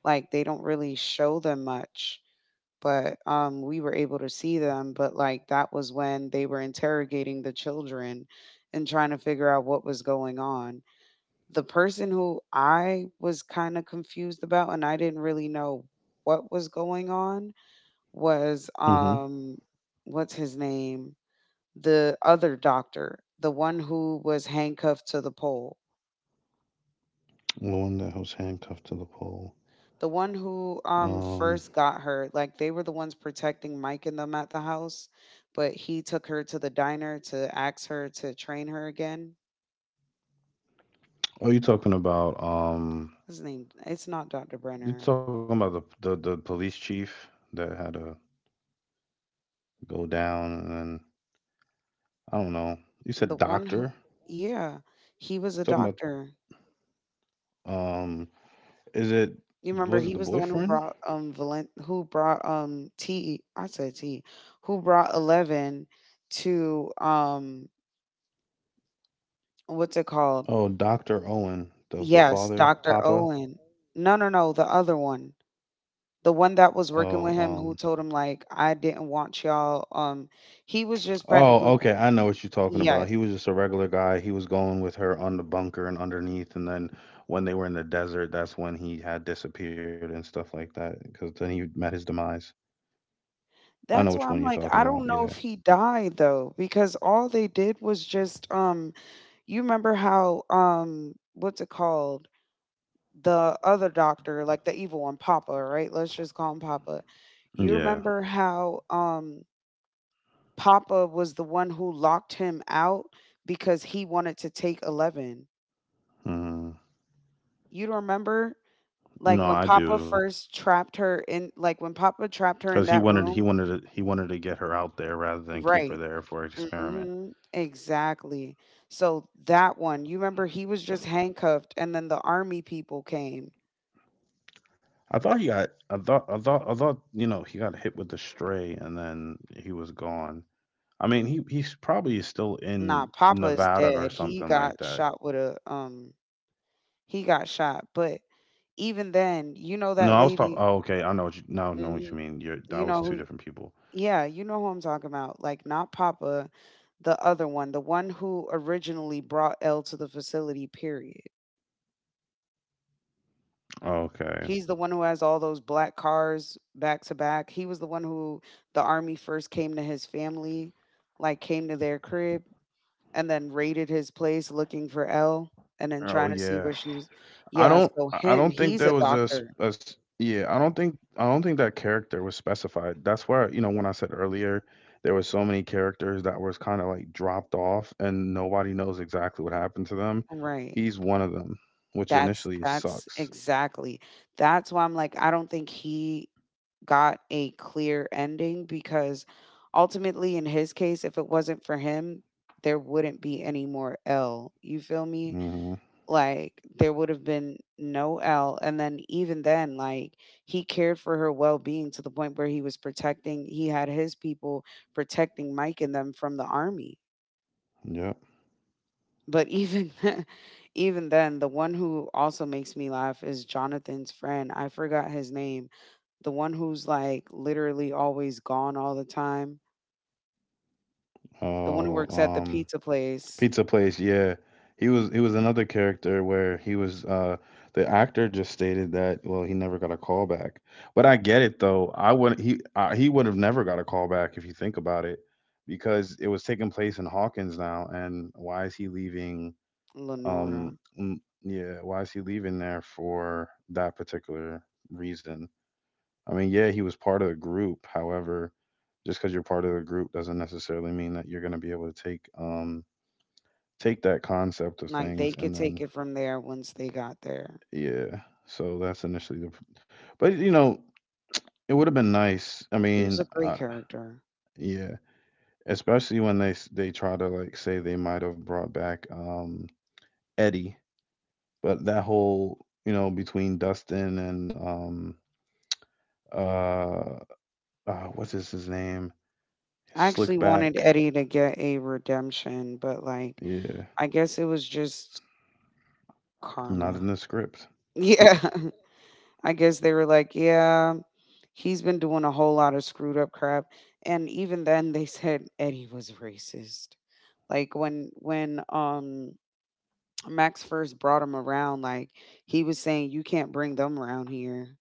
Like, they don't really show them much, but we were able to see them, but like that was when they were interrogating the children and trying to figure out what was going on. The person who I was kind of confused about and I didn't really know what was going on was
Hmm.
what's his name, the other doctor, the one who was handcuffed to the pole.
The one that was handcuffed to the pole.
The one who,
Um
first got her, like, they were the ones protecting Mike and them at the house, but he took her to the diner to ask her to train her again.
oh,
What's his name? It's not Dr. Brenner.
you talking about the police chief that had to go down and then I don't know. You
The
said
one
doctor?
who,
You're
yeah, he was a
talking about
doctor.
um is it
You remember
was
he
it the
was the one who
boyfriend?
brought Valen, who brought T E, I said T E, who brought 11 to what's it called?
Oh, Doctor Owen, the
Yes,
father,
Dr.
Papa.
Owen. No, no, no, the other one. The one that was
Oh,
working with him
um.
who told him like I didn't want y'all, he was just
Oh,
practically,
okay. I know what you're talking about.
yes.
He was just a regular guy. He was going with her on the bunker and underneath, and then when they were in the desert, that's when he had disappeared and stuff like that. Because then he met his demise. I know
That's
which
why
one
I'm
you're
like,
talking
I
about.
don't know
Yeah.
if he died, though, because all they did was just you remember how what's it called, the other doctor, like the evil one, Papa, right, let's just call him Papa.
Yeah.
You remember how Papa was the one who locked him out because he wanted to take 11.
Mm.
You don't remember?
No,
Like when
I
Papa
do.
first trapped her in, like when Papa trapped
Because
her
he
in that
wanted, he
room.
wanted, to, he wanted to get her out there rather than keep her
Right.
there for experiment.
Hmm. Exactly. So that one, you remember he was just handcuffed and then the army people came.
I thought he got, I thought, I thought, I thought, you know, he got hit with the stray, and then he was gone. I mean, he he's probably still
Nah,
in
Papa is
Nevada or
dead. He
something like
got
that.
shot with a he got shot. But even then, you know
No,
that
I was talking.
lady,
Oh, okay. I know what you now. I know what
mm,
you mean? You're that
you know
was two
who,
different people.
yeah, you know who I'm talking about. Like not Papa, the other one, the one who originally brought L to the facility, period.
Okay.
He's the one who has all those black cars back to back. He was the one who the army first came to his family, like came to their crib and then raided his place looking for L and then
Oh
trying to see
yeah.
where she was. Yeah, so
I
him,
don't think
he's
there
a
was a,
doctor.
yeah. I don't think that character was specified. That's why you know when I said earlier there were so many characters that was kind of like dropped off and nobody knows exactly what happened to them.
Right.
He's one of them, which
That's
initially
that's
sucks.
exactly. That's why I'm like, I don't think he got a clear ending because ultimately in his case if it wasn't for him there wouldn't be any more L. You feel me?
Mm-hmm.
Like there would have been no L. And then even then, like he cared for her well being to the point where he was protecting, he had his people protecting Mike and them from the army.
Yep.
But even, even then, the one who also makes me laugh is Jonathan's friend. I forgot his name. The one who's like literally always gone all the time. The one who
Oh.
works at the pizza place,
Pizza place, yeah. He was another character where he was the actor just stated that well he never got a call back. But I get it though. I wouldn't he I, he would have never got a call back if you think about it because it was taking place in Hawkins now, and why is he leaving
Lenora.
um mm, yeah, why is he leaving there for that particular reason? I mean, yeah, he was part of the group. However, just because you're part of the group doesn't necessarily mean that you're going to be able to take take that concept of
Like they
things
could
and
take
then
it from there once they got there.
yeah, so that's initially the but you know it would have been nice, I
He was
mean
a great character.
yeah, especially when they they try to like say they might have brought back Eddie, but that whole you know between Dustin and uh, what's his name,
I actually wanted
Slickback.
Eddie to get a redemption, but like
Yeah,
I guess it was just
not
karma.
in the script.
Yeah. I guess they were like, yeah, he's been doing a whole lot of screwed up crap. And even then they said Eddie was racist. Like when Max first brought him around, like he was saying you can't bring them around here.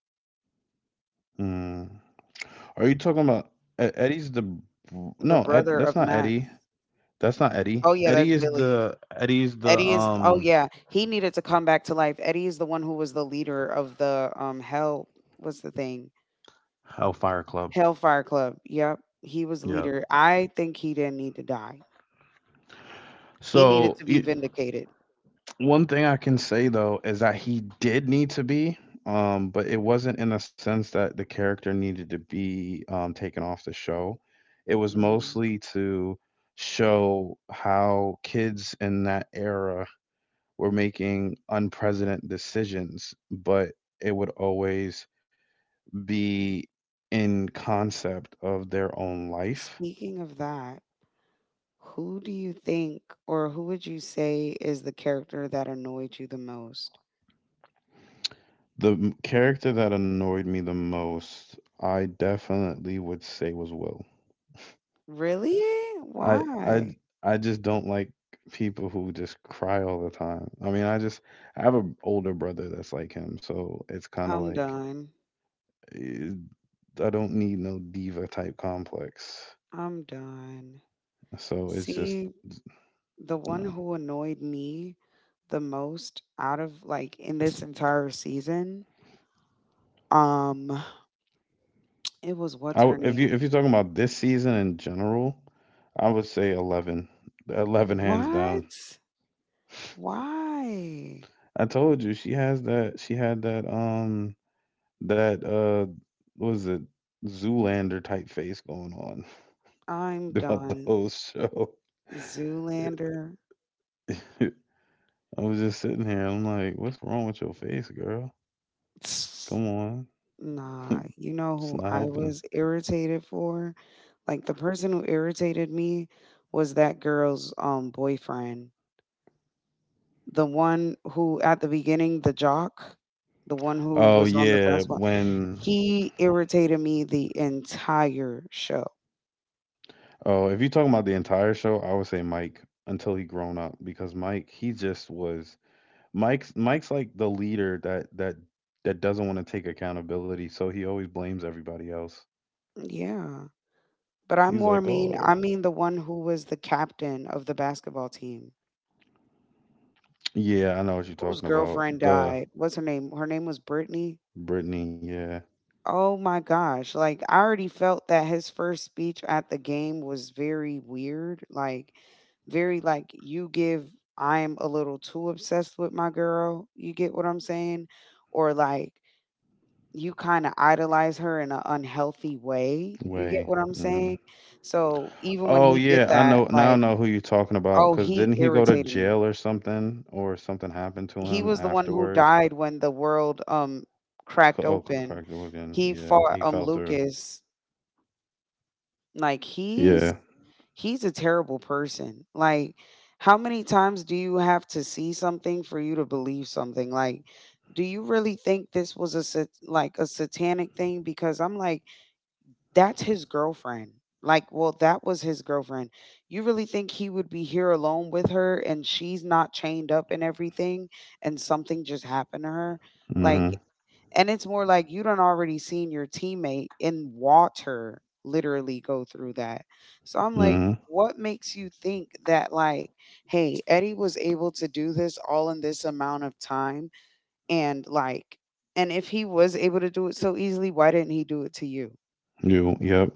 Mm. Are you talking about Eddie's the
The
no, ed,
brother
that's
of
not
Max.
Eddie. That's not Eddie.
Oh yeah, that's
Eddie is
Billy.
the Eddie's the
Eddie is, oh yeah, he needed to come back to life. Eddie is the one who was the leader of the hell, what's the thing?
Hellfire Club.
Hellfire Club. Yep. He was the
Yeah.
leader. I think he didn't need to die. He needed
So
to be
y-
vindicated.
One thing I can say though is that he did need to be, but it wasn't in the sense that the character needed to be taken off the show. It was
Mhm.
mostly to show how kids in that era were making unprecedented decisions, but it would always be in concept of their own life.
Speaking of that, who do you think or who would you say is the character that annoyed you the most?
Character that annoyed me the most, I definitely would say was Will.
Really?
I, I,
Why?
I just don't like people who just cry all the time. I have an older brother that's like him, so it's kind of
I'm
like
done.
eh, I don't need no diva type complex.
I'm done.
So it's just
See, the one
no.
who annoyed me the most out of like in this entire season, um, it was what's her
If you
name?
if you're talking about this season in general, I would say 11. 11 hands down.
What? Why?
I told you she had that that uh what was it, Zoolander type face going on
I'm
throughout the
done.
whole show.
Zoolander.
I was just sitting here I'm like, what's wrong with your face, girl?
Tss,
Come on.
nah, you know
It's
who
not
I
helping.
was irritated for? Like the person who irritated me was that girl's boyfriend. The one who at the beginning, the jock, the one who
Oh
was on the
yeah,
basketball.
when
He irritated me the entire show.
oh if you're talking about the entire show, I would say Mike until he grown up because Mike he just was Mike's Mike's like the leader that doesn't want to take accountability, so he always blames everybody else.
Yeah. But I
He's
more
like,
mean,
"Oh,
I mean the one who was the captain of the basketball team,
yeah, I know what you're
whose
talking about.
girlfriend
The
died. What's her name? Her name was Brittany.
Brittany, yeah,
Oh my gosh. Like I already felt that his first speech at the game was very weird. Like very like, you give I'm a little too obsessed with my girl. You get what I'm saying? Or like you kinda idolize her in an unhealthy way, you get
way.
what I'm
hmm
saying? So, even when
Oh
he did
yeah, I
that,
know. Now I
like,
know who you're talking about.
oh,
Cause
he
didn't he go to
irritated me.
jail or something happened to
He
him
was the one who
afterwards?
died when the world, cracked open.
Correct again.
He
Yeah,
fought,
he fell through.
Lucas. Like, he's
Yeah.
he's a terrible person. Like, how many times do you have to see something for you to believe something? Like, do you really think this was a a satanic thing? Because I'm like, that's his girlfriend. Like, well, that was his girlfriend. You really think he would be here alone with her and she's not chained up and everything and something just happened to her? Like,
Mm-hmm.
and it's more like you done already seen your teammate in water literally go through that. So I'm like,
Mm-hmm.
what makes you think that, like, hey, Eddie was able to do this all in this amount of time and, like, and if he was able to do it so easily, why didn't he do it to you?
You. Yep.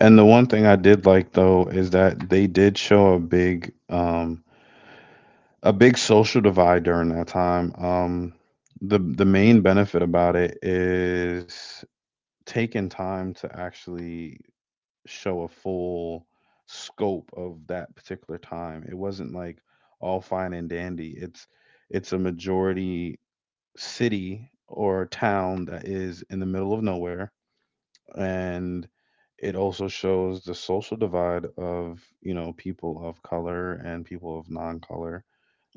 And the one thing I did like though is that they did show a big social divide during that time. The main benefit about it is taking time to actually show a full scope of that particular time. It wasn't like all fine and dandy. It's a majority city or town that is in the middle of nowhere, and it also shows the social divide of, you know, people of color and people of non-color,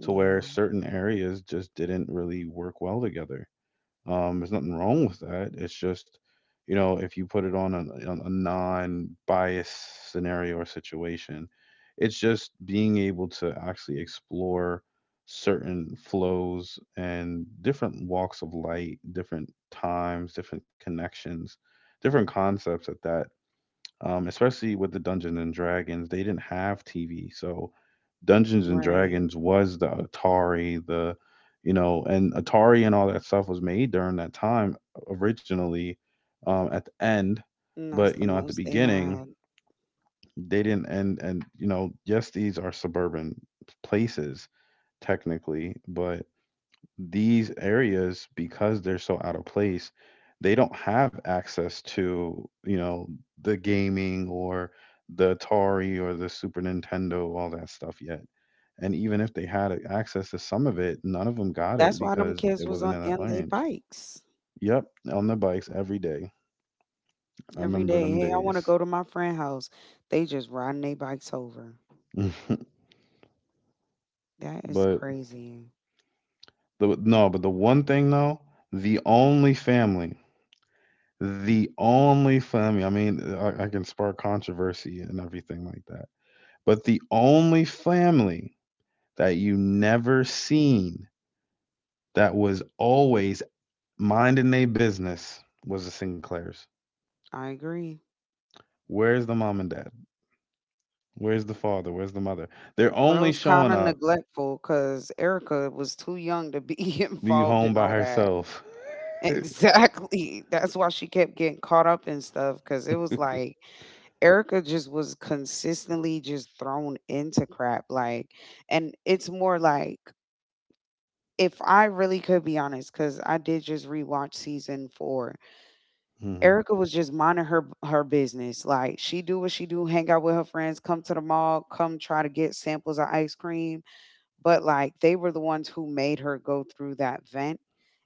to where certain areas just didn't really work well together. There's nothing wrong with that. It's just, you know, if you put it on a non-biased scenario or situation, it's just being able to actually explore certain flows and different walks of light, different times, different connections, different concepts at that. Especially with the Dungeons and Dragons. They didn't have TV, so Dungeons and
Right,
Dragons was the Atari, the, you know, and Atari and all that stuff was made during that time originally. At the end,
and that's
but
the
you know, at the
most they
beginning
had.
they didn't. And you know, yes, these are suburban places technically, but these areas, because they're so out of place, they don't have access to, you know, the gaming or the atari or the super nintendo, all that stuff yet. And even if they access to some of it, none of them got it
That's why them
because
kids
it
was
wasn't
on
in that
in they
range.
bikes
Yep, on the bikes every day. I
every
remember
day.
them
"Hey, I wanna
days.
go to my friend house." They just riding they bikes over. That is
But
crazy.
the no but the one thing though, the only family the only family, I mean, I can spark controversy and everything like that, but the only family that you never seen, that was always minding their business, was the Sinclairs.
I agree.
Where's the mom and dad? Where's the father? Where's the mother? They're
But it
only
was kinda
showing
neglectful
up,
neglectful because Erica was too young to be
be
involved
home
in
by
all that.
herself. mm
Exactly. That's why she kept getting caught up in stuff because it was like Erica just was consistently just thrown into crap, like and it's more like, if I really could be honest, because I did just rewatch season 4.
mhm.
Erica was just minding her business. Like she do what she do, hang out with her friends, come to the mall, come try to get samples of ice cream. But like they were the ones who made her go through that vent,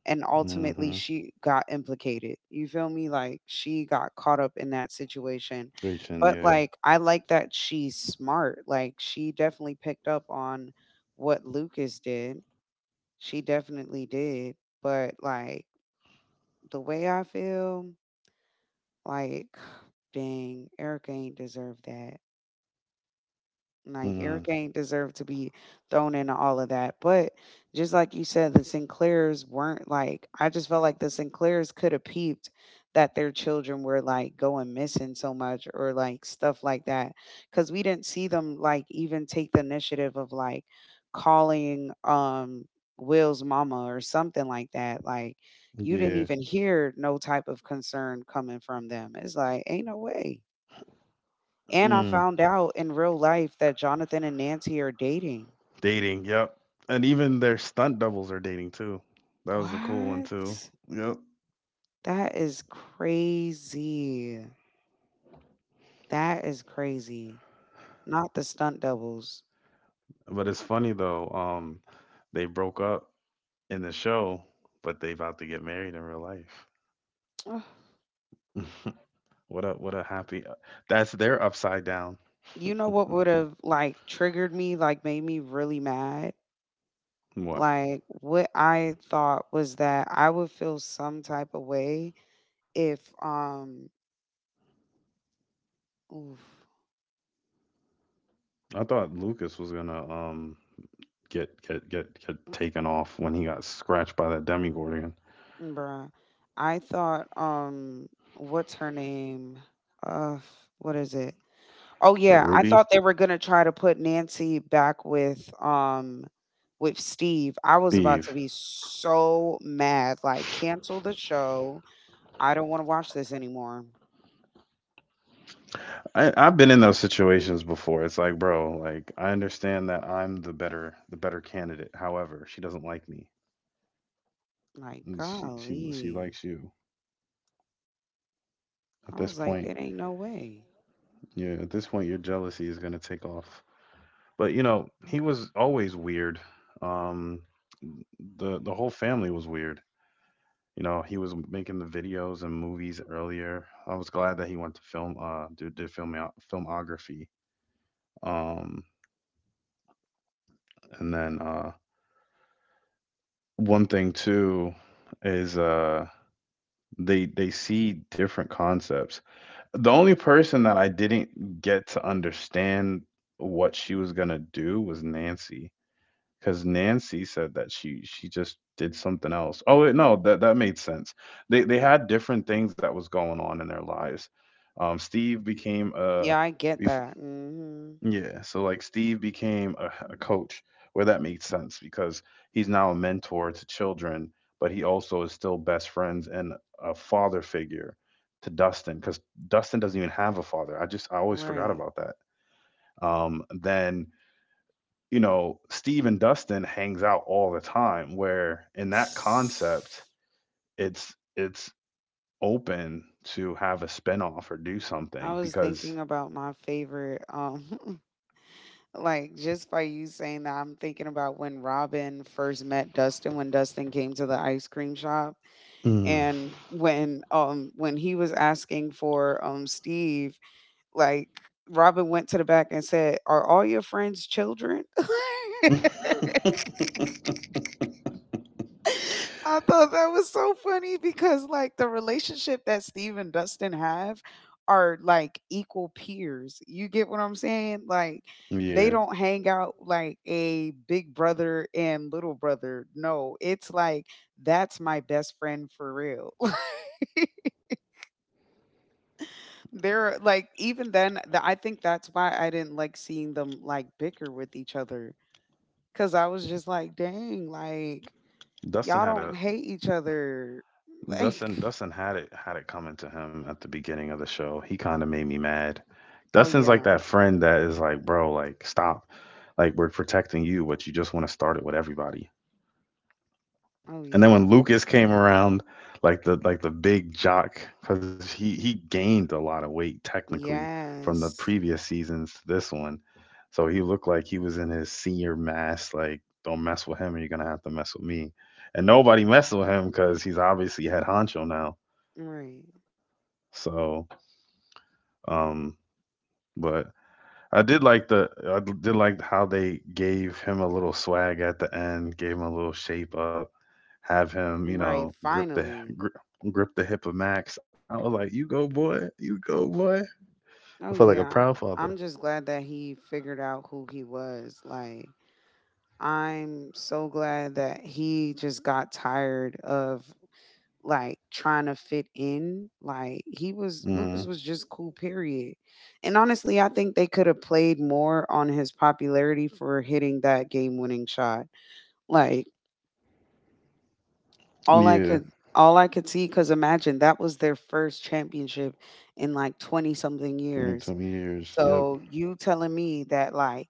and ultimately
Mhm.
she got implicated. You feel me? Like she got caught up in that situation.
Reaching,
But
yeah.
like I like that she's smart. Like she definitely picked up on what Lucas did, she definitely did, but, like, the way I feel, like, dang, Erica ain't deserve that. Like Eric
Mm.
ain't deserve to be thrown into all of that. But just like you said, the Sinclairs weren't, like, I just felt like the Sinclairs could have peeped that their children were like going missing so much or like stuff like that. Cause we didn't see them like even take the initiative of like calling Will's mama or something like that. Like you didn't
Yeah.
even hear no type of concern coming from them. It's like, ain't no way. And I
Mm.
found out in real life that Jonathan and Nancy are dating.
Dating, yep. And even their stunt doubles are dating too. That was a cool one too.
What?
Yep.
That is crazy. That is crazy. Not the stunt doubles.
But it's funny though, they broke up in the show, but they about to get married in real life.
Ugh.
What a happy That's their upside down.
You know what would have like triggered me, like made me really mad?
What?
Like what I thought was that I would feel some type of way if oof,
I thought Lucas was gonna get taken off when he got scratched by that demigorgon. Is
bruh. I thought what's her name? Uh what is it? Oh,
it
yeah, I
Ruby?
thought they were gonna try to put Nancy back with Steve. I was about
Steve.
to be so mad, like, "Cancel the show. I don't wanna watch this anymore."
I've been in those situations before. It's like, bro, like, I understand that I'm the better candidate. However, she doesn't like me.
Like,
And she she
golly.
likes you. At
I
this
was like,
point,
"It ain't no way."
yeah, at this point your jealousy is gonna take off. But you know, he was always weird. Um the whole family was weird. You know, he was making the videos and movies earlier. I was glad that he went to film do did film filmography. Um and then One thing too is they see different concepts. The only person that I didn't get to understand what she was gonna do was Nancy, because Nancy said that she just did something else. Oh wait, no, that made sense. They had different things that was going on in their lives. Steve became a
Yeah, I get that. Mhm.
yeah, so like Steve became a coach, where that made sense because he's now a mentor to children, but he also is still best friends and a father figure to Dustin because Dustin doesn't even have a father. I just I always forgot
Right.
about that. Then you know Steve and Dustin hangs out all the time, where in that concept
S-
it's open to have a spinoff or do
I
something
was
because,
thinking about my favorite, like, just by you saying that, I'm thinking about when Robin first met Dustin, when Dustin came to the ice cream shop.
mm,
And when he was asking for Steve, like, Robin went to the back and said, "Are all your friends children?" I thought that was so funny because like the relationship that Steve and Dustin have are like equal peers. You get what I'm saying? Like they
yeah.
don't hang out like a big brother and little brother. No, it's like that's my best friend for real. They're like even then the, I think that's why I didn't like seeing them like bicker with each other cuz I was just like dang like y'all
Dustin had
don't
a
hate each other
Justin.
like.
Dustin had it coming to him at the beginning of the show. He kind of made me mad.
Oh
Dustin's like
yeah.
that friend that is like, bro, like, stop. Like, we're protecting you, but you just want to start it with everybody.
Oh
And then when
yeah.
Lucas came around, the big jock, because he gained a lot of weight technically from the
Yes.
previous seasons to this one, so he looked like he was in his senior mass. Like, don't mess with him, or you're gonna have to mess with me. And nobody messed with him because he's obviously had honcho now.
Right.
So, um, but I did like how they gave him a little swag at the end, gave him a little shape up, have him, you
Right.
know, grip the
Finally.
grip, grip the hip of Max. I was like, you go boy, you go boy. I felt
Oh
like a
yeah.
proud father.
I'm just glad that he figured out who he was, like, I'm so glad that he just got tired of like trying to fit in. Like he was,
hmm
Lucas was just cool, period. And honestly, I think they could have played more on his popularity for hitting that game winning shot. Like all I
Yeah,
could all I could see cuz imagine that was their first championship in like 20 something years.
20 years. Yep.
So you telling me that like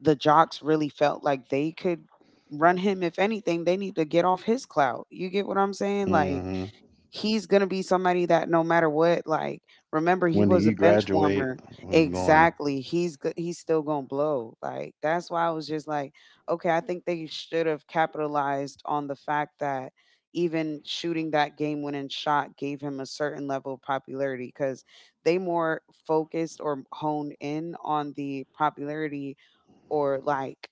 the jocks really felt like they could run him, if anything they need to get off his clout. You get what I'm saying? Like
hmm
he's gonna be somebody that no matter what, like, remember he
When did
was a
he
bench
graduate,
warmer.
we're gone.
Exactly. He's good. He's still gonna blow. Like that's why I was just like, okay, I think they should have capitalized on the fact that even shooting that game winning shot gave him a certain level of popularity because they more focused or honed in on the popularity or like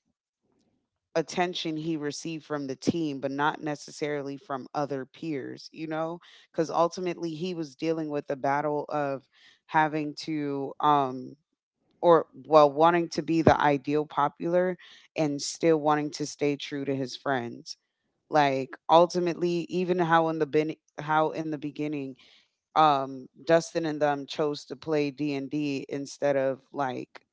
attention he received from the team, but not necessarily from other peers, you know? Because ultimately he was dealing with the battle of having to, or well, wanting to be the ideal popular and still wanting to stay true to his friends. Like ultimately, even how in the how in the beginning, Dustin and them chose to play D&D instead of like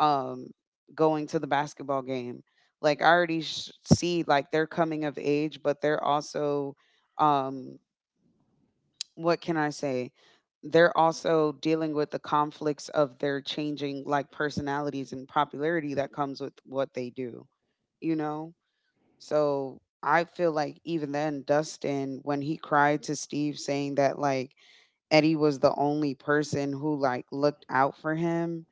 um, going to the basketball game. Like I already see like they're coming of age, but they're also, um, what can I say? They're also dealing with the conflicts of their changing like personalities and popularity that comes with what they do, you know? So I feel like even then Dustin, when he cried to Steve saying that like Eddie was the only person who like looked out for him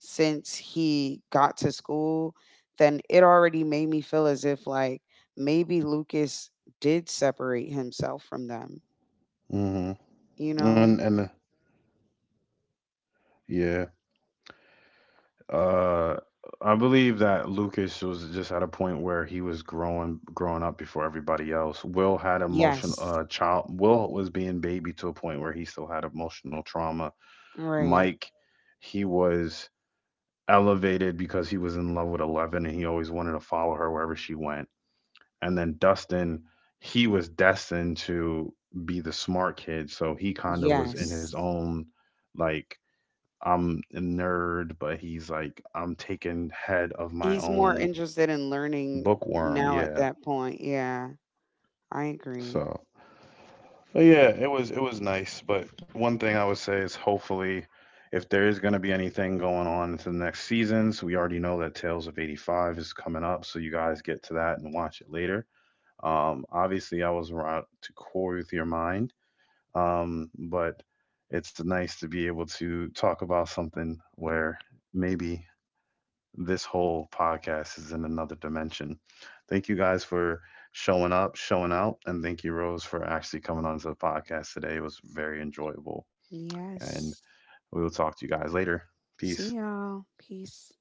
since he got to school, then it already made me feel as if like maybe Lucas did separate himself from them,
Hmm
you know?
And yeah. Uh, I believe that Lucas was just at a point where he was growing up before everybody else. Will had emotional
Yes.
child. Will was being baby to a point where he still had emotional trauma.
Right.
Mike, he was elevated because he was in love with Eleven and he always wanted to follow her wherever she went. And then Dustin, he was destined to be the smart kid, so he kind of was in his
Yes.
own, like, I'm a nerd, but he's like, I'm taking head of my
He's more
own
interested in learning
bookworm.
now at
Yeah.
that point. Yeah, I agree.
So, but yeah, it was nice. But one thing I would say is, hopefully, if there is going to be anything going on into the next seasons, we already know that Tales of '85 is coming up, so you guys get to that and watch it later. Obviously, I was route to core with your mind, but it's nice to be able to talk about something where maybe this whole podcast is in another dimension. Thank you guys for showing up, showing out, and thank you, Rose, for actually coming onto the podcast today. It was very enjoyable. And
Yes.
we will talk to you guys later.
See
Peace.
y'all. Peace.